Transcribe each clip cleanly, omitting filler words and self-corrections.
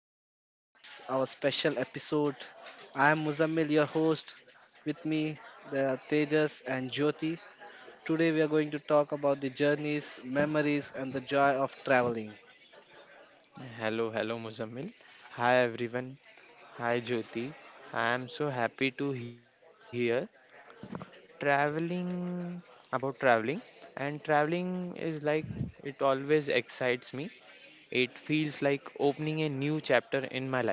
Traveling Tales, our special episode. I am Muzammil, your host. With me, there are Tejas and Jyoti. Today, we are going to talk about the journeys, memories, and the joy of traveling. Hello, hello, Muzammil. Hi, everyone. Hi, Jyoti. I am so happy to hear traveling about traveling, and traveling is like it always excites me. It feels like opening a new chapter in my life.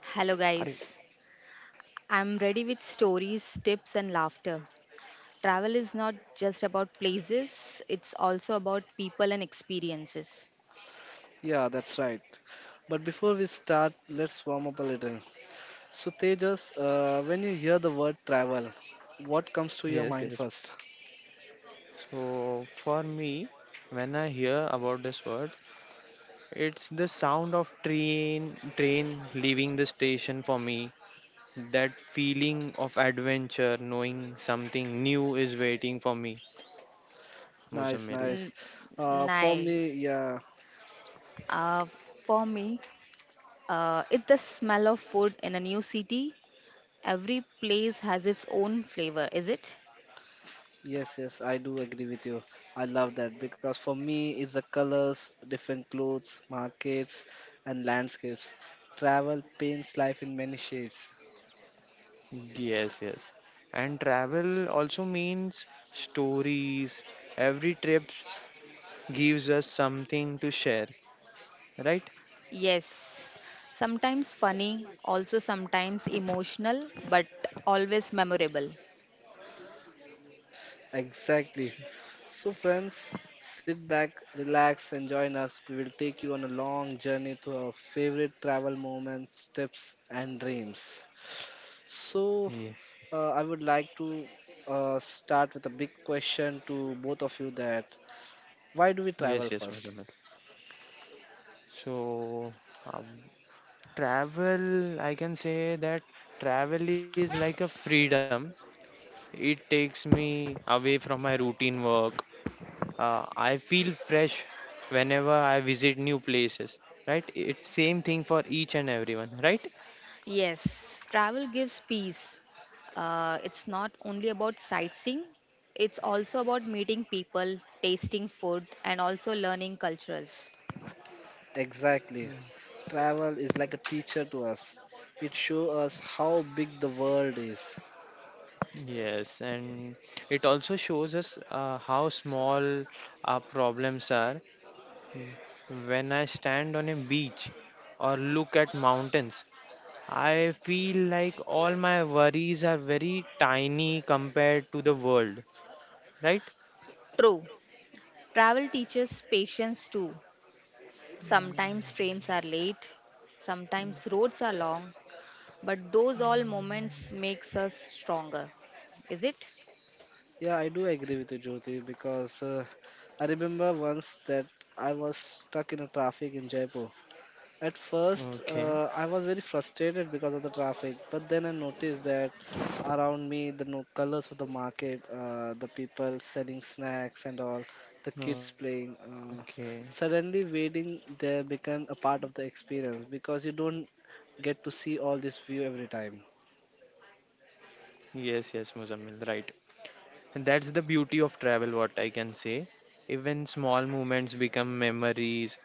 Hello, Are you? guys. I'm ready with stories, tips, and laughter. Travel is not just about places, it's also about people and experiences. Yeah, that's right. But before we start, let's warm up a little. So, Tejas, when you hear the word travel, what comes to your Yes, mind yes. first? So, for me, when I hear about this word, it's the sound of train leaving the station for me. That feeling of adventure, knowing something new is waiting for me, Nice, Muzammil. N- nice. For me, nice. yeah. Uh, for me, it's the smell of food in a new city. Every place has its own flavor, is it? Yes, yes, I do agree with you. I love that because for me, it's the colors, different clothes, markets, and landscapes. Travel paints life in many shades. Yes, yes. And travel also means stories. Every trip gives us something to share, right? Yes. Sometimes funny, also sometimes emotional, but always memorable. Exactly. So, friends, sit back, relax, and join us. We will take you on a long journey to our favorite travel moments, tips, and dreams. So, Yes, I would like to start with a big question to both of you that why do we travel yes, yes, first? Muzammil. So, um, travel, I can say that travel is like a freedom. It takes me away from my routine work. I feel fresh whenever I visit new places, right? It's same thing for each and everyone, right? Yes, travel gives peace. It's not only about sightseeing, it's also about meeting people, tasting food, and also learning cultures. Exactly. Travel is like a teacher to us. It shows us how big the world is. Yes, and it also shows us how small our problems are when I stand on a beach or look at mountains. I feel like all my worries are very tiny compared to the world, right? True, travel teaches patience too. Sometimes trains are late, sometimes roads are long, but those all moments makes us stronger. Is it? Yeah, I do agree with you, Jyoti, because I remember once that I was stuck in a traffic in Jaipur. At first, Okay. I was very frustrated because of the traffic, but then I noticed that around me, the no colors of the market, the people selling snacks and all, the kids Okay. playing. Suddenly, waiting there became a part of the experience because you don't get to see all this view every time. Yes, yes, Muzammil, right. And that's the beauty of travel, what I can say. Even small moments become memories,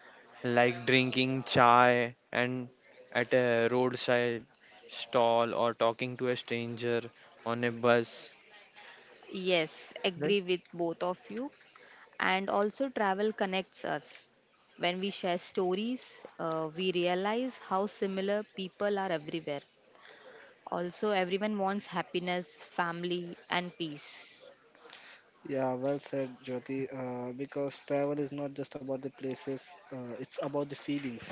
like drinking chai and at a roadside stall or talking to a stranger on a bus. Yes, Right? agree with both of you. And also, travel connects us. When we share stories, we realize how similar people are everywhere. Also, everyone wants happiness, family, and peace. Yeah, well said, Jyoti. Because travel is not just about the places, it's about the feelings.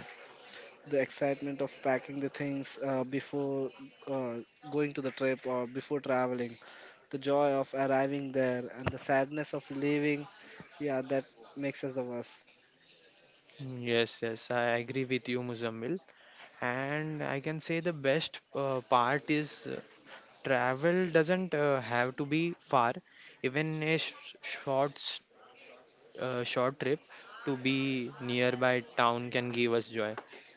The excitement of packing the things before uh, going to the trip or before traveling, the joy of arriving there, and the sadness of leaving. Yeah, that makes us the worst. Yes, yes, I agree with you, Muzammil. And I can say the best part is travel doesn't have to be far. Even a short trip to be nearby town can give us joy, right?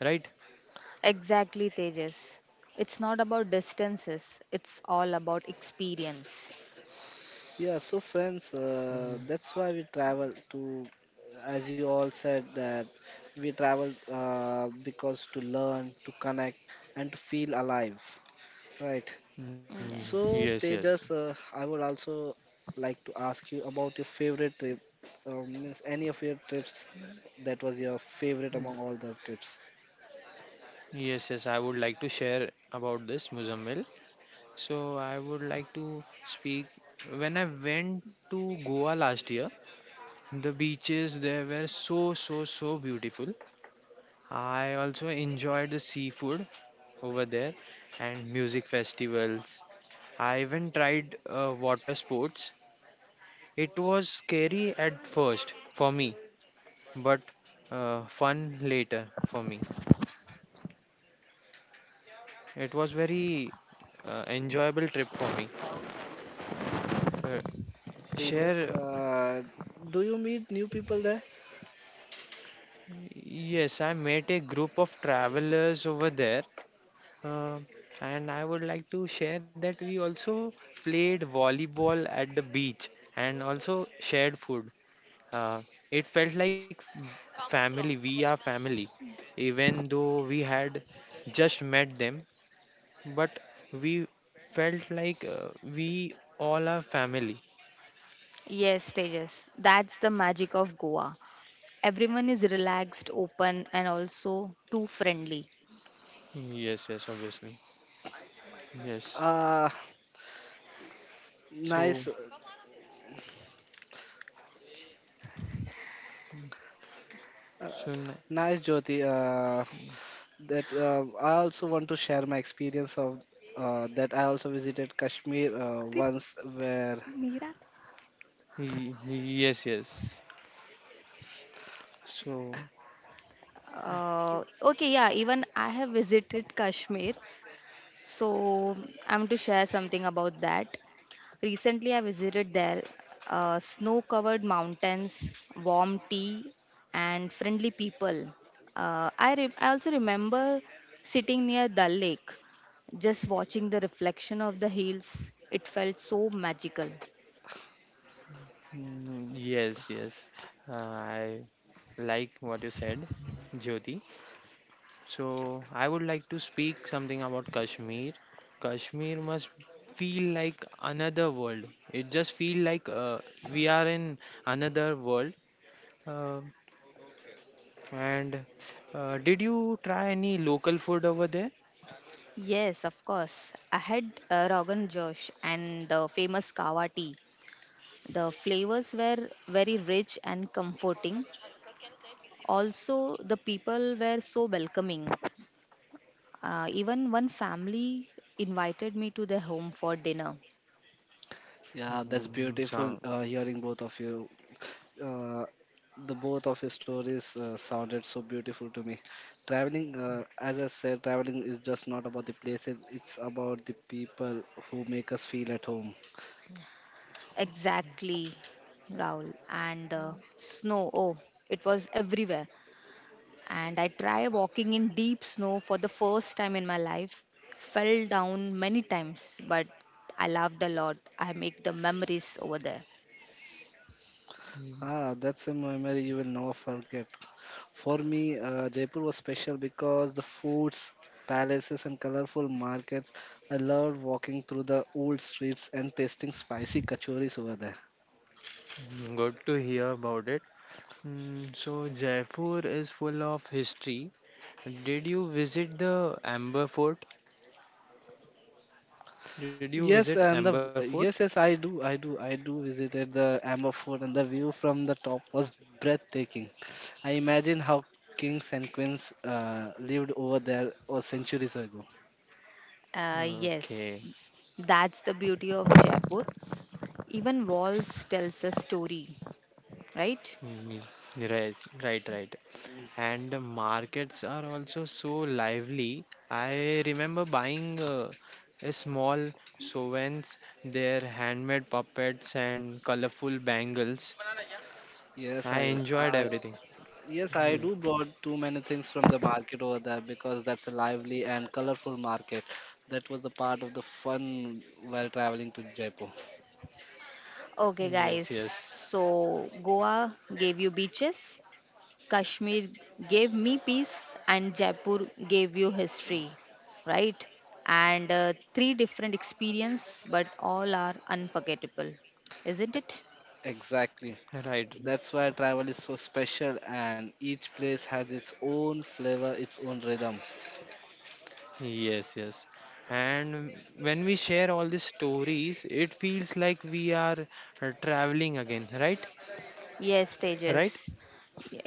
Exactly, Tejas. It's not about distances, it's all about experience. Yeah, so friends, Mm, that's why we travel to, as you all said, that we travel because to learn, to connect, and to feel alive, right? Mm, yes So, Yes. yes Tejas, I would also like to ask you about your favorite trip. Means any of your trips that was your favorite mm, among all the trips. Yes, yes, I would like to share about this, Muzammil. So, I would like to speak. When I went to Goa last year, the beaches there were so, so, so beautiful. I also enjoyed the seafood over there and music festivals. I even tried water sports. It was scary at first for me, but fun later for me. It was very enjoyable trip for me. Uh, Tejas, share, do you meet new people there? yes, I met a group of travelers over there, uh, and I would like to share that we also played volleyball at the beach and also shared food. Uh, it felt like family. We are family, even though we had just met them, but we felt like we all are family. Yes, Tejas. That's the magic of Goa. Everyone is relaxed, open, and also too friendly. Yes, yes, obviously. Yes. Uh, So, nice, so n- uh, Nice, Jyoti. That I also want to share my experience of that I also visited Kashmir once, where yes, yes. So, Okay, yeah, even I have visited Kashmir. So I'm to share something about that. Recently, I visited there. Snow-covered mountains, warm tea, and friendly people. I also remember sitting near Dal Lake, just watching the reflection of the hills. It felt so magical. Yes, yes. I like what you said, Jyoti. So I would like to speak something about Kashmir. Kashmir must feel like another world. It just feel like we are in another world. Uh, and did you try any local food over there? Yes, of course. I had Rogan Josh and the famous Kawa tea. The flavors were very rich and comforting. Also, the people were so welcoming. Even one family invited me to their home for dinner. yeah, that's Mm, so, beautiful hearing both of you uh, the both of his stories sounded so beautiful to me. Traveling, as I said, traveling is just not about the places; it's about the people who make us feel at home. Exactly, Rahul. And snow, oh, it was everywhere. And I tried walking in deep snow for the first time in my life. Fell down many times, but I laughed a lot. I make the memories over there. mm, Ah, that's a memory you will never forget. For me, Jaipur was special because the foods, palaces, and colorful markets. I loved walking through the old streets and tasting spicy kachoris over there. good to hear about it. Mm, so Jaipur is full of history. Did you visit the Amber Fort? Did you visit Yes, and Amber the Fort? yes, yes, I do visited the Amber Fort, and the view from the top was breathtaking. I imagine how kings and queens lived over there or centuries ago. Okay. Yes, that's the beauty of Jaipur. Even walls tells a story, right? Mm, yes, right, right. And the markets are also so lively. I remember buying a small souvenirs, their handmade puppets and colorful bangles. Yes, I I, enjoyed I, everything. yes, I Ye- do brought too many things from the market over there because that's a lively and colorful market. That was the part of the fun while traveling to Jaipur. Okay, Yes, guys. yes. So Goa gave you beaches, Kashmir gave me peace, and Jaipur gave you history, right? And three different experience, but all are unforgettable, isn't it? Exactly. Right. That's why travel is so special, and each place has its own flavor, its own rhythm. Yes, yes. And when we share all these stories, it feels like we are traveling again, right? Yes, Right? Tejas.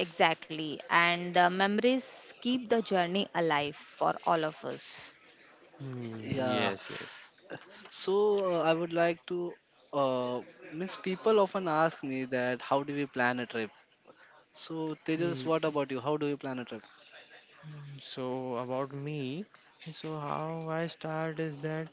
Exactly. And the memories keep the journey alive for all of us. Mm, Yeah. yes, yes. So I would like to. Uh, means people often ask me that how do we plan a trip? So Tejas, what about you? How do you plan a trip? So about me, so how I start is that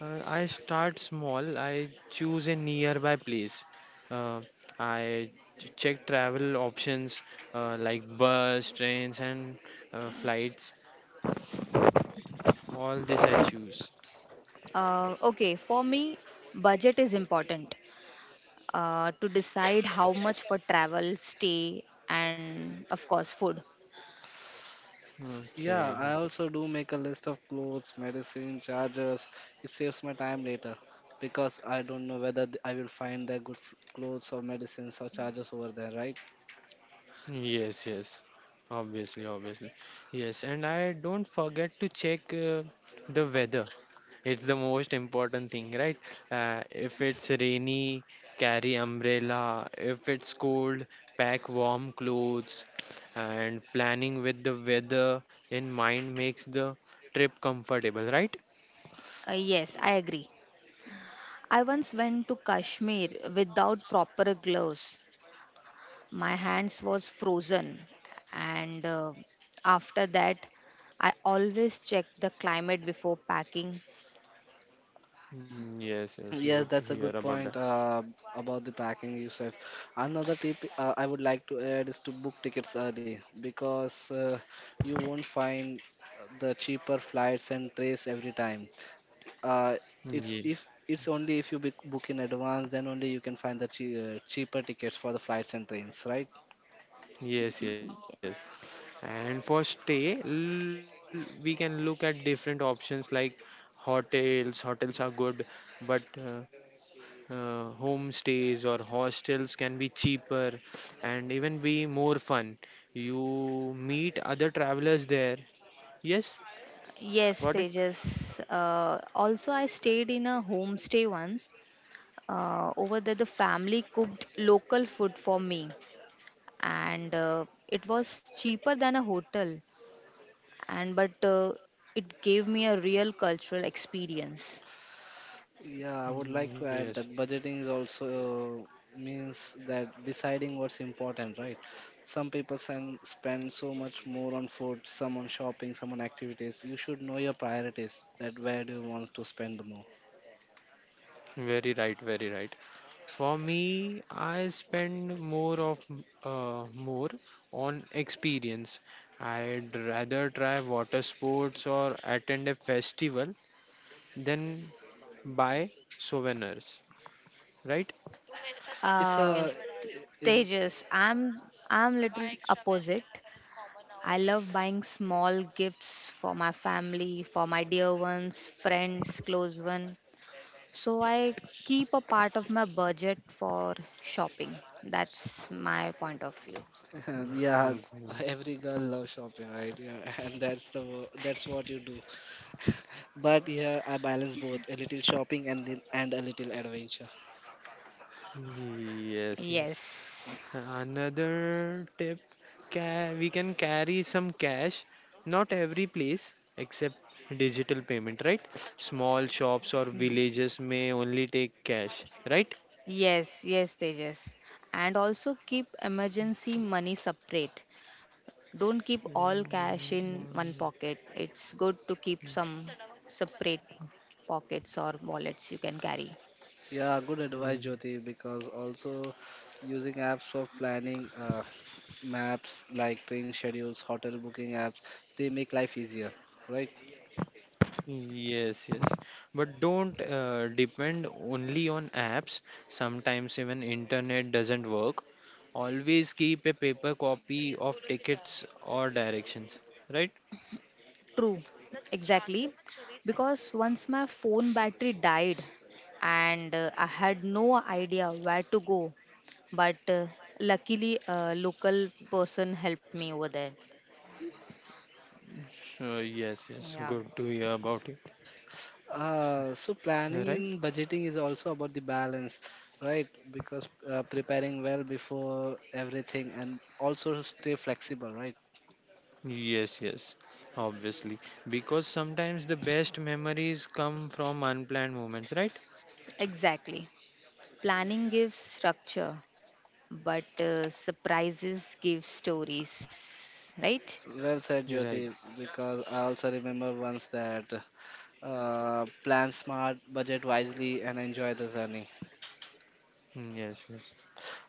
I start small. I choose a nearby place. Uh, I check travel options like bus, trains, and flights. All this I choose. Okay, for me, budget is important to decide how much for travel, stay, and of course, food. Yeah, Okay. I also do make a list of clothes, medicine, chargers. It saves my time later because I don't know whether I will find the good clothes or medicines or chargers over there, right? Yes, yes. Obviously, obviously. Yes, and I don't forget to check the weather. It's the most important thing, right? If it's rainy, carry umbrella. If it's cold, pack warm clothes. And planning with the weather in mind makes the trip comfortable, right? Yes, I agree. I once went to Kashmir without proper gloves. My hands was frozen, and after that, I always check the climate before packing. Mm, yes, yes, good Yes, to that's hear a good about point about the packing you said. Another tip I would like to add is to book tickets early because you won't find the cheaper flights and trains every time. Uh, it's that. if it's only if you book in advance, then only you can find the cheaper tickets for the flights and trains, right? Yes, yes. Y- And for stay, we can look at different options like hotels. Hotels are good, but homestays or hostels can be cheaper and even be more fun. You meet other travelers there. Yes, got it? Yes, Tejas. Also, I stayed in a homestay once. Over there, the family cooked local food for me and it was cheaper than a hotel and but it gave me a real cultural experience. Yeah, I would Mm, like to yes, add that budgeting is also means that deciding what's important, right? Some people spend so much more on food, some on shopping, some on activities. You should know your priorities, that where do you want to spend the more. very right, very right. For me, I spend more of more on experience. I'd rather try water sports or attend a festival than buy souvenirs, right? It's uh, a is Tejas, I'm little opposite. I love buying small gifts for my family, for my dear ones, friends, close one. So I keep a part of my budget for shopping. That's my point of view. yeah, Mhm. every girl loves shopping, right? Yeah, and that's the that's what you do. But yeah, I balance both, a little shopping and a little adventure. Yes, yes. Yes. Another tip, we can carry some cash, not every place except digital payment, right? Small shops or villages may only take cash, right? Yes, yes, Tejas. And also keep emergency money separate. Don't keep all cash in one Mm, pocket. It's good to keep some separate pockets or wallets you can carry. Yeah, good advice, Jyoti, because also using apps for planning maps like train schedules, hotel booking apps, they make life easier, right? yes, yes. But don't depend only on apps. Sometimes even internet doesn't work. Always keep a paper copy of tickets or directions, right? True, exactly. Because once my phone battery died and I had no idea where to go, but luckily a local person helped me over there. So, yes, yes. Yeah, Good to hear about it, So planning right? and budgeting is also about the balance, right? Because preparing well before everything and also stay flexible, right? Yes, yes. Obviously, because sometimes the best memories come from unplanned moments, right? exactly. Planning gives structure but surprises give stories, right? Well said, Right. Jyoti, because I also remember once that plan smart, budget wisely, and enjoy the journey. Mm, yes, yes.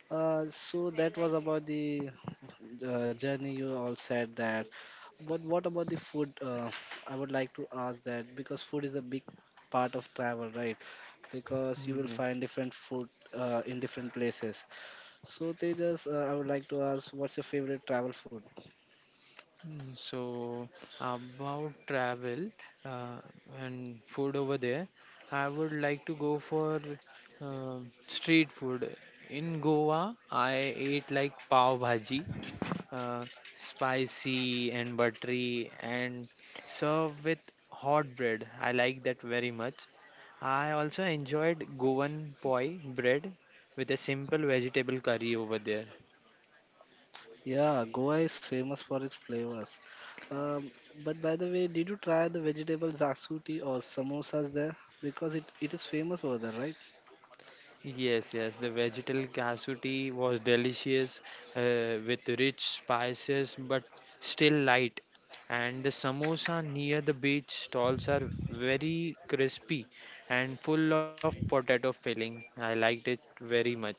So that was about the journey. You all said that, but what about the food? I would like to ask that because food is a big part of travel, right? Because you Mm, yeah. will find different food in different places. So Tejas, I would like to ask, what's your favorite travel food? Mm, so about travel uh, and food over there, I would like to go for street food. In Goa, I ate like pav bhaji, uh, spicy and buttery, and served with hot bread. I like that very much. I also enjoyed Goan poi bread with a simple vegetable curry over there. Yeah, Goa is famous for its flavors. Um, but by the way, did you try the vegetable zaksuti or samosas there? Because it is famous over there, right? Yes, yes, the vegetable casuti was delicious with rich spices but still light. And the samosa near the beach stalls are very crispy and full of potato filling. I liked it very much.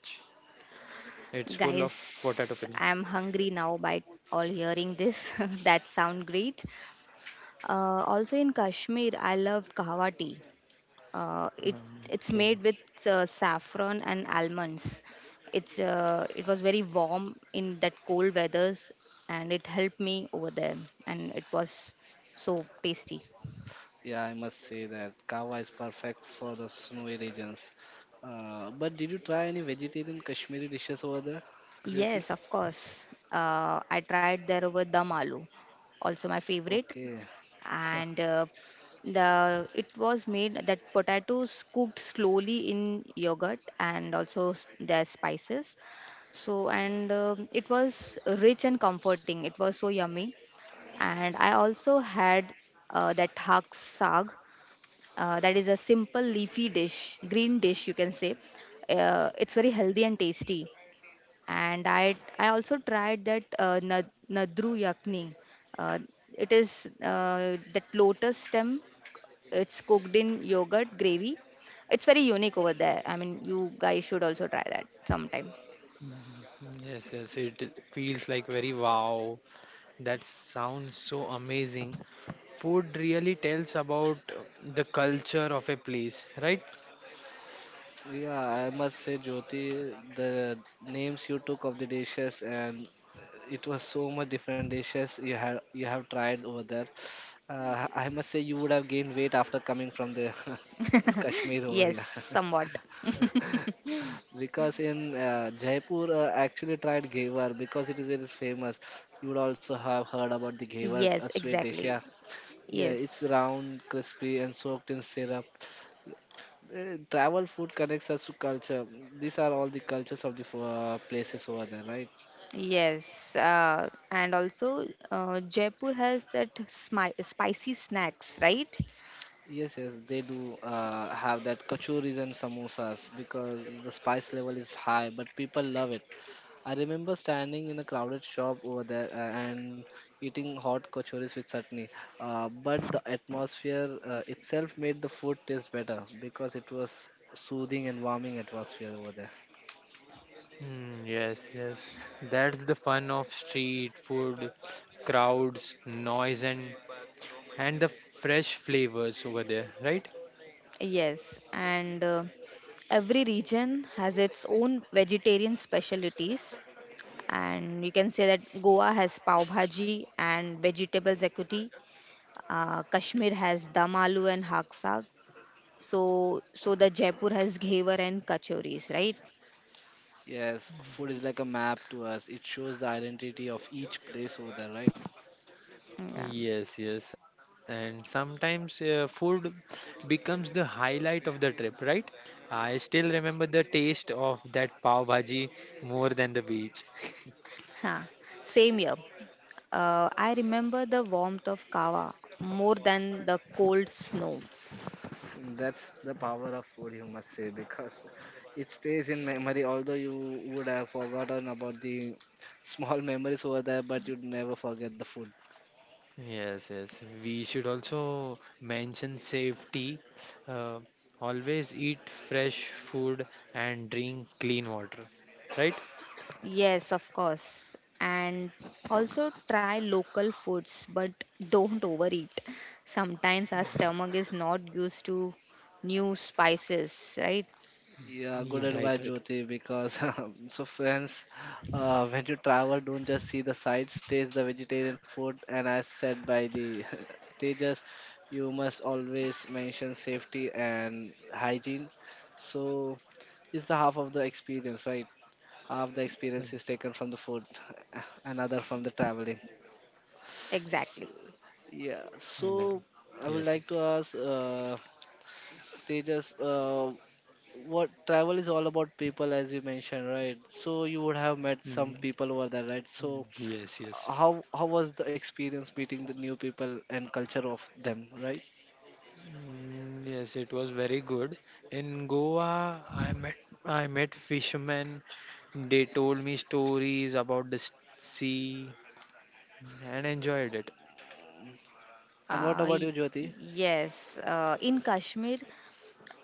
It's full of potato Guys, filling. I'm hungry now by all hearing this. That sound great. Also in Kashmir, I loved kahwa tea. It Um, it's Okay. made with saffron and almonds. It was very warm in that cold weathers, and it helped me over there, and it was so tasty. Yeah, I must say that kava is perfect for the snowy regions. But did you try any vegetarian Kashmiri dishes over there, Jyoti? Yes, of course. I tried there over dum aloo, also my favorite, Okay. and the it was made that potatoes cooked slowly in yogurt and also their spices. So and it was rich and comforting. It was so yummy, and I also had that hak saag. That is a simple leafy dish, green dish you can say. It's very healthy and tasty, and I also tried that nadru yakni. Uh, it is that lotus stem. It's cooked in yogurt gravy. It's very unique over there. I mean, you guys should also try that sometime. Mhm. Yes, yes, it feels like very wow. That sounds so amazing. Food really tells about the culture of a place, right? Yeah, I must say, Jyoti, the names you took of the dishes and it was so much different dishes you have tried over there. I must say you would have gained weight after coming from the Kashmir over Yes, here. somewhat. Because in Jaipur actually tried Ghewar because it is very famous. You would also have heard about the Ghewar, a Yes, sweet dish. exactly. Yeah, yeah, it's Yes. round, crispy, and soaked in syrup. Travel food connects us to culture. These are all the cultures of the places over there, right? Yes, and also Jaipur has that spicy snacks, right? Yes, yes, they do have that kachoris and samosas because the spice level is high, but people love it. I remember standing in a crowded shop over there and eating hot kachoris with chutney. But the atmosphere itself made the food taste better because it was soothing and warming atmosphere over there. Mm, yes, yes. That's the fun of street food, crowds, noise, and the fresh flavors over there, right? Yes, and every region has its own vegetarian specialties, and you can say that Goa has pav bhaji and vegetable zakuti. Kashmir has dam aloo and hak saag. So the Jaipur has ghevar and kachoris, right? Yes, food is like a map to us. It shows the identity of each place over there, right? Yeah. Yes, yes. And sometimes food becomes the highlight of the trip, right? I still remember the taste of that pav bhaji more than the beach. Huh. Same here. I remember the warmth of kava more than the cold snow. That's the power of food, you must say, because it stays in memory. Although you would have forgotten about the small memories over there, but you'd never forget the food. Yes, yes. We should also mention safety. Uh, always eat fresh food and drink clean water. Right? Yes, of course. And also try local foods, but don't overeat. Sometimes our stomach is not used to new spices, right? Yeah, Yeah, good right, advice, right. Jyoti. Because so, friends, when you travel, don't just see the sights, taste the vegetarian food, and as said by the Tejas, you must always mention safety and hygiene. So, it's the half of the experience, right? Half the Mm, experience is taken from the food, another from the traveling. Exactly. mm, right. Yeah, Yes, yes. so I would like to ask Tejas. What travel is all about people as you mentioned, right? So you would have Mm, met some people over there, right? mm, So yes, yes. How was the experience meeting the new people and culture of them, right? Mm, yes, it was very good. In Goa, I met fishermen. They told me stories about the sea and enjoyed it. And what Uh, about you, y- Jyoti? yes. In Kashmir,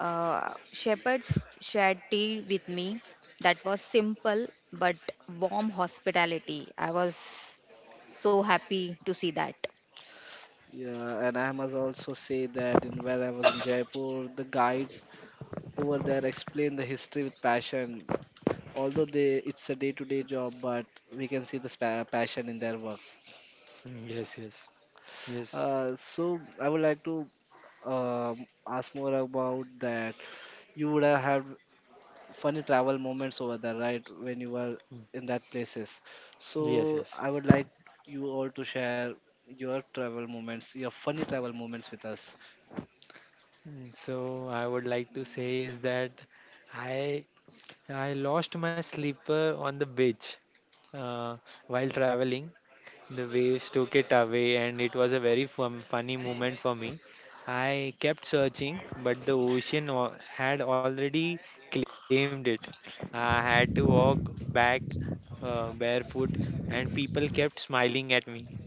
shepherds shared tea with me. That was simple but warm hospitality. I was so happy to see that. Yeah, and I must also say that in where I was in Jaipur, the guides over there explain the history with passion, although they it's a day-to-day job, but we can see the passion in their work. Mm, yes, yes, yes. So I would like to ask more about that. You would have had funny travel moments over there, right? When you were Mm, in that places. yes, So yes. I would like you all to share your travel moments, your funny travel moments with us. Mm, so I would like to say is that I I lost my slipper on the beach uh, while traveling. The waves took it away, and it was a very fun, funny moment for me. I kept searching, but the ocean had already claimed it. I had to walk back barefoot, and people kept smiling at me.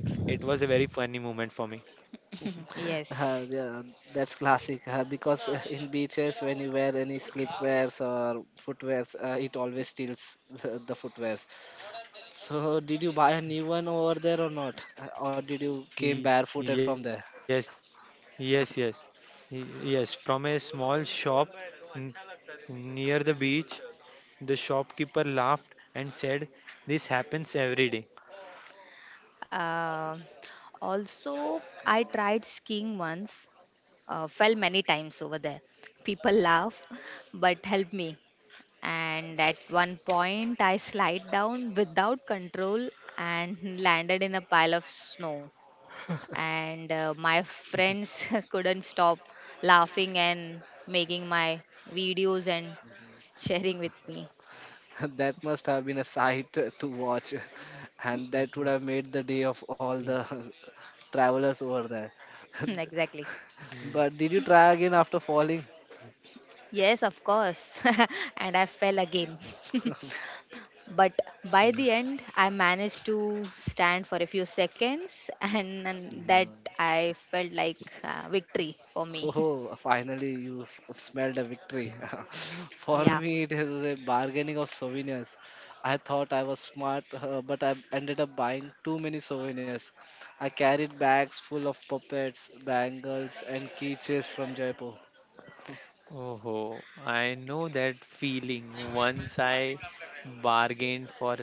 It was a very funny moment for me. Yes. Yeah, that's classic. Because in beaches, when you wear any slipwears or footwears, it always steals the footwears. So, did you buy a new one over there or not? Or did you came Ye- barefooted from there? Yes, Yes, yes, yes. From a small shop n- near the beach, the shopkeeper laughed and said, "This happens every day." Um Also, I tried skiing once, fell many times over there. People laugh, but help me. And at one point, I slide down without control and landed in a pile of snow. And my friends couldn't stop laughing and making my videos and sharing with me. That must have been a sight to watch, and that would have made the day of all the travelers over there. Exactly. But did you try again after falling? Yes, of course. And I fell again. But by the end, I managed to stand for a few seconds, and that No. I felt like victory for me. Oh, finally you smelled a victory. For Yeah, me, it is a bargaining of souvenirs. I thought I was smart, but I ended up buying too many souvenirs. I carried bags full of puppets, bangles, and keychains from Jaipur. Oh, I know that feeling. Once I bargained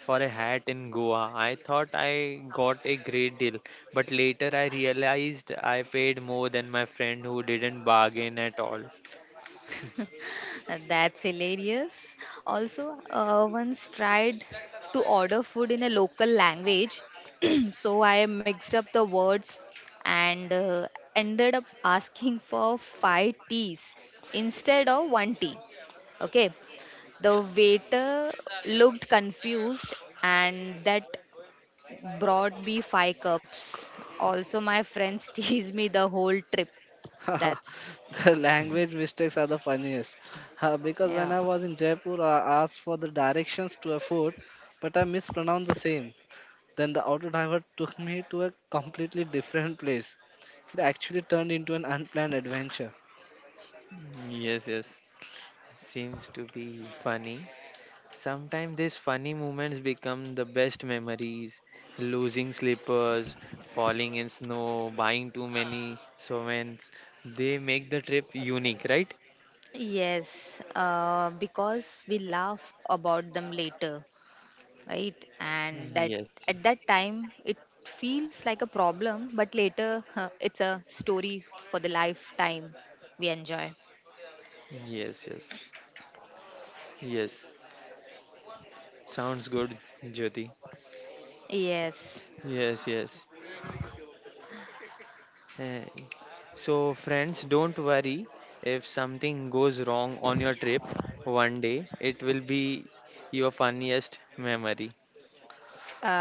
for a hat in Goa. I thought I got a great deal, but later I realized I paid more than my friend who didn't bargain at all. That's hilarious. Also, once tried to order food in a local language, so I mixed up the words and ended up asking for five teas instead of one tea. Okay, the waiter looked confused, and that brought me five cups. Also, my friends teased me the whole trip. That's, The language mistakes are the funniest. Because when yeah. I was in Jaipur, I asked for the directions to a fort, but I mispronounced the same. Then the auto driver took me to a completely different place. It actually turned into an unplanned adventure. Yes, yes. Seems to be funny. Sometimes these funny moments become the best memories. Losing slippers, falling in snow, buying too many souvenirs. They make the trip unique, right? Yes, because we laugh about them later, right? And that Yes, at that time it feels like a problem, but later huh, it's a story for the lifetime we enjoy. yes, yes, yes, yes. Sounds good, Jyoti. Yes, Yes, yes. Eh, so, friends, don't worry if something goes wrong on your trip one day, it will be your funniest memory.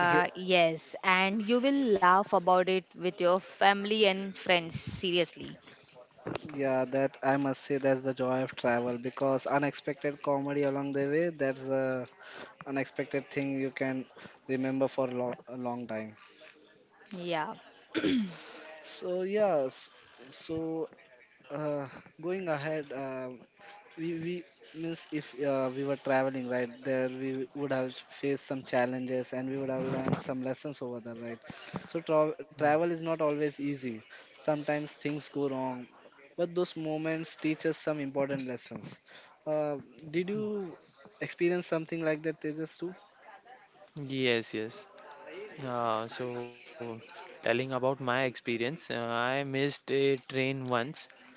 Ye- yes, and you will laugh about it with your family and friends, seriously. Yeah, that I must say that's the joy of travel because unexpected comedy along the way, that's the unexpected thing you can remember for a long time. Yeah. So yes, so uh, going ahead, we means if we were traveling right there, we would have faced some challenges and we would have learned some lessons over there, right? So travel is not always easy. Sometimes things go wrong, but those moments teach us some important lessons. Uh, did you experience something like that, Tejas, too? Yes, yes. So, telling about my experience, I missed a train once.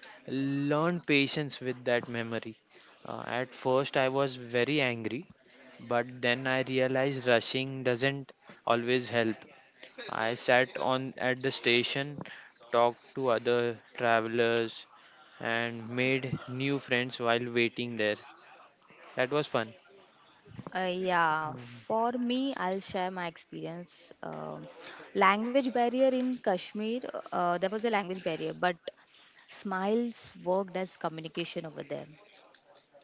Learned patience with that memory. At first, I was very angry, but then I realized rushing doesn't always help. I sat on at the station, talked to other travelers, and made new friends while waiting there. That was fun. Yeah, Mm, for me, I'll share my experience. Language barrier in Kashmir, there was a language barrier, but smiles worked as communication over there.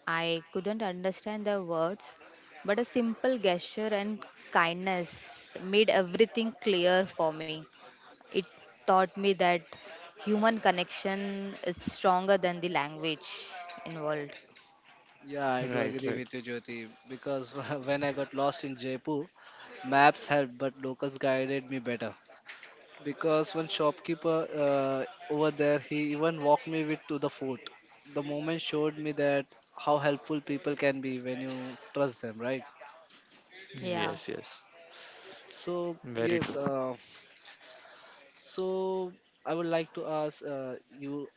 I couldn't understand their words, but a simple gesture and kindness made everything clear for me. It taught me that human connection is stronger than the language involved. Yeah, I do right, agree right. with you, Jyoti, because when I got lost in Jaipur, maps helped, but locals guided me better. Because one shopkeeper over there, he even walked me with to the fort. The moment showed me that how helpful people can be when you trust them, right? Yeah. Yes, yes. So Very yes, true. uh, So I would like to ask you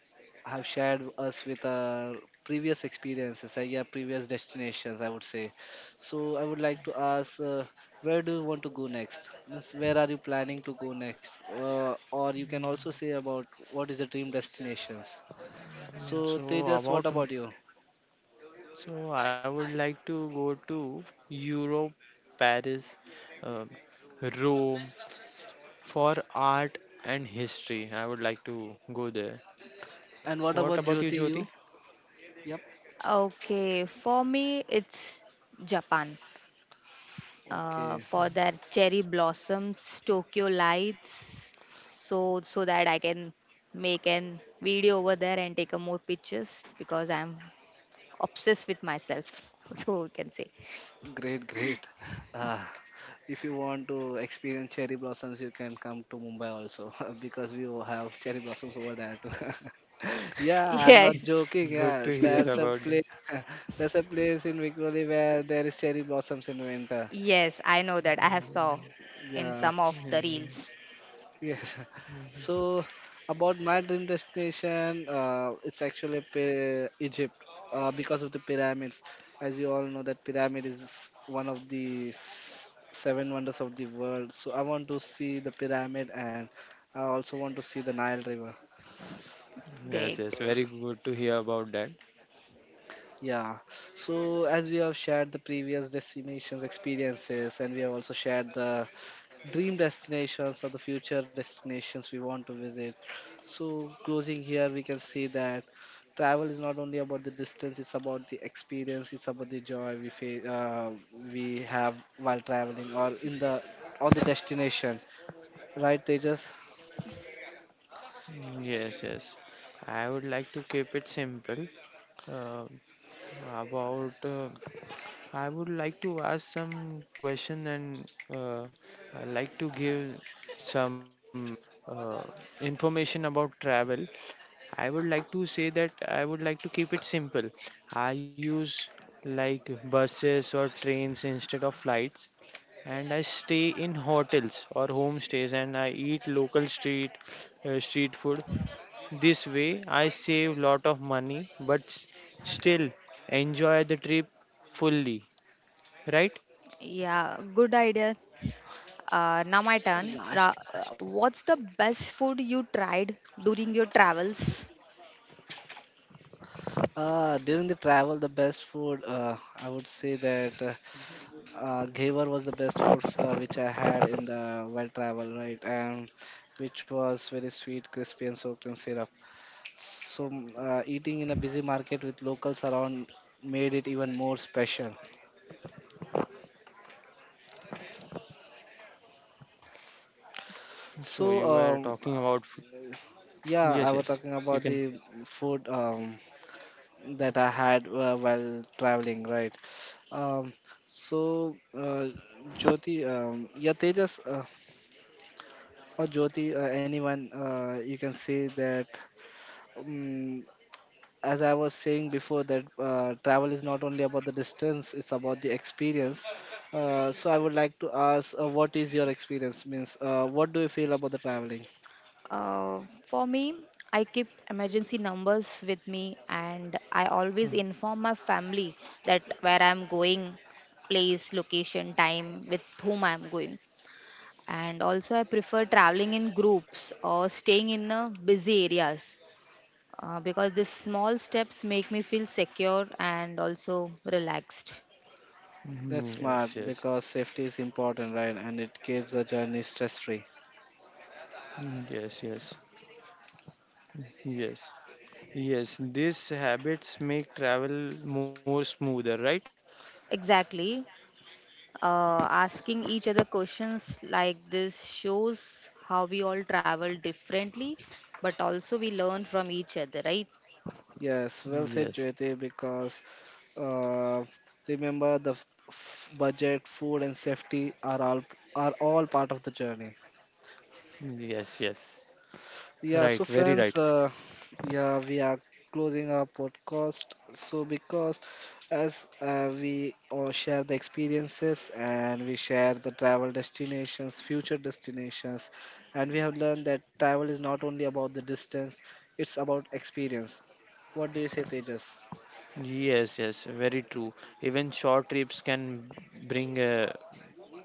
have shared us with our previous experiences, yeah, previous destinations, I would say. So I would like to ask, where do you want to go next? Means where are you planning to go next? Or you can also say about what is the dream destinations. Mm, So so Tejas, what about about you? so I would like to go to Europe, Paris, uh, Rome for art and history. I would like to go there. And what about What about you, Jyoti? You? Jyoti? Yep. Okay, for me, it's Japan, Okay. for their cherry blossoms, Tokyo lights, so that I can make an video over there and take a more pictures because I'm obsessed with myself. So we can say Great, great. Uh, if you want to experience cherry blossoms, you can come to Mumbai also because we will have cherry blossoms over there too. Yeah, I'm not yes, joking. Good Yeah, to hear there's a about that. place, there's a place in Vikoli where there is cherry blossoms in winter. yes, I know that I have saw in Yeah, some of the Mm, reels. yes. So about my dream destination, it's actually Egypt because of the pyramids. As you all know, that pyramid is one of the seven wonders of the world. So I want to see the pyramid and I also want to see the Nile River. Great, yes, yes, very good to hear about that. Yeah. So as we have shared the previous destinations experiences and we have also shared the dream destinations or the future destinations we want to visit. So closing here we can see that travel is not only about the distance, it's about the experience, it's about the joy we we have while traveling or in the on the destination, right? they just Mm, yes, yes. I would like to keep it simple uh, about I would like to ask some question and I like to give some uh, information about travel. I would like to say that I would like to keep it simple. I use like buses or trains instead of flights, and I stay in hotels or homestays, and I eat local street street food. This way, I save lot of money, but still enjoy the trip fully, right? yeah, good idea. Now my turn. Last last What's the best food you tried during your travels? uh During the travel, the best food, I would say that Ghevar was the best food which I had in the while travel, right? And which was very sweet, crispy, and soaked in syrup. So eating in a busy market with locals around made it even more special. So you were So talking um, about uh, yes, yeah, yes. I was You talking can. about the food that I had while traveling, right? Um, so uh, Jyoti, yeah, Tejas or Jyoti, anyone, you can say that. Um, as I was saying before, that travel is not only about the distance; it's about the experience. So I would like to ask, what is your experience? Means, what do you feel about the traveling? For me, I keep emergency numbers with me and I always Mm, inform my family that where I'm going, place, location, time, with whom I'm going. And also, I prefer traveling in groups or staying in busy areas because these small steps make me feel secure and also relaxed. That's mm, smart yes, yes. because safety is important, right? And it keeps the journey stress-free. Mm, yes, yes, yes, yes. These habits make travel more smoother, right? Exactly. Asking each other questions like this shows how we all travel differently, but also we learn from each other, right? Yes, well said, Yes, Jyoti. Because uh, remember the budget, food, and safety are all part of the journey. yes, yes. Yeah, so Right, very friends, right. Yeah, we are closing our podcast. So because as we all share the experiences and we share the travel destinations, future destinations, and we have learned that travel is not only about the distance; it's about experience. What do you say, Tejas? Yes, yes, very true. Even short trips can bring a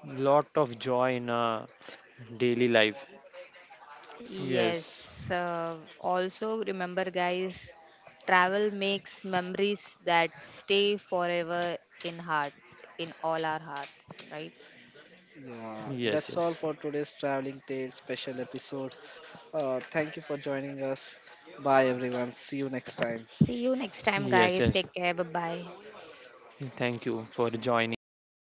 lot of joy in a daily life. Yes. Yes, Also, remember, guys, travel makes memories that stay forever in heart, in all our heart, right? Yeah, yes, that's yes, all for today's traveling tales special episode. Thank you for joining us. Bye, everyone. See you next time. See you next time, yes, guys. yes. Take care. Bye bye. Thank you for joining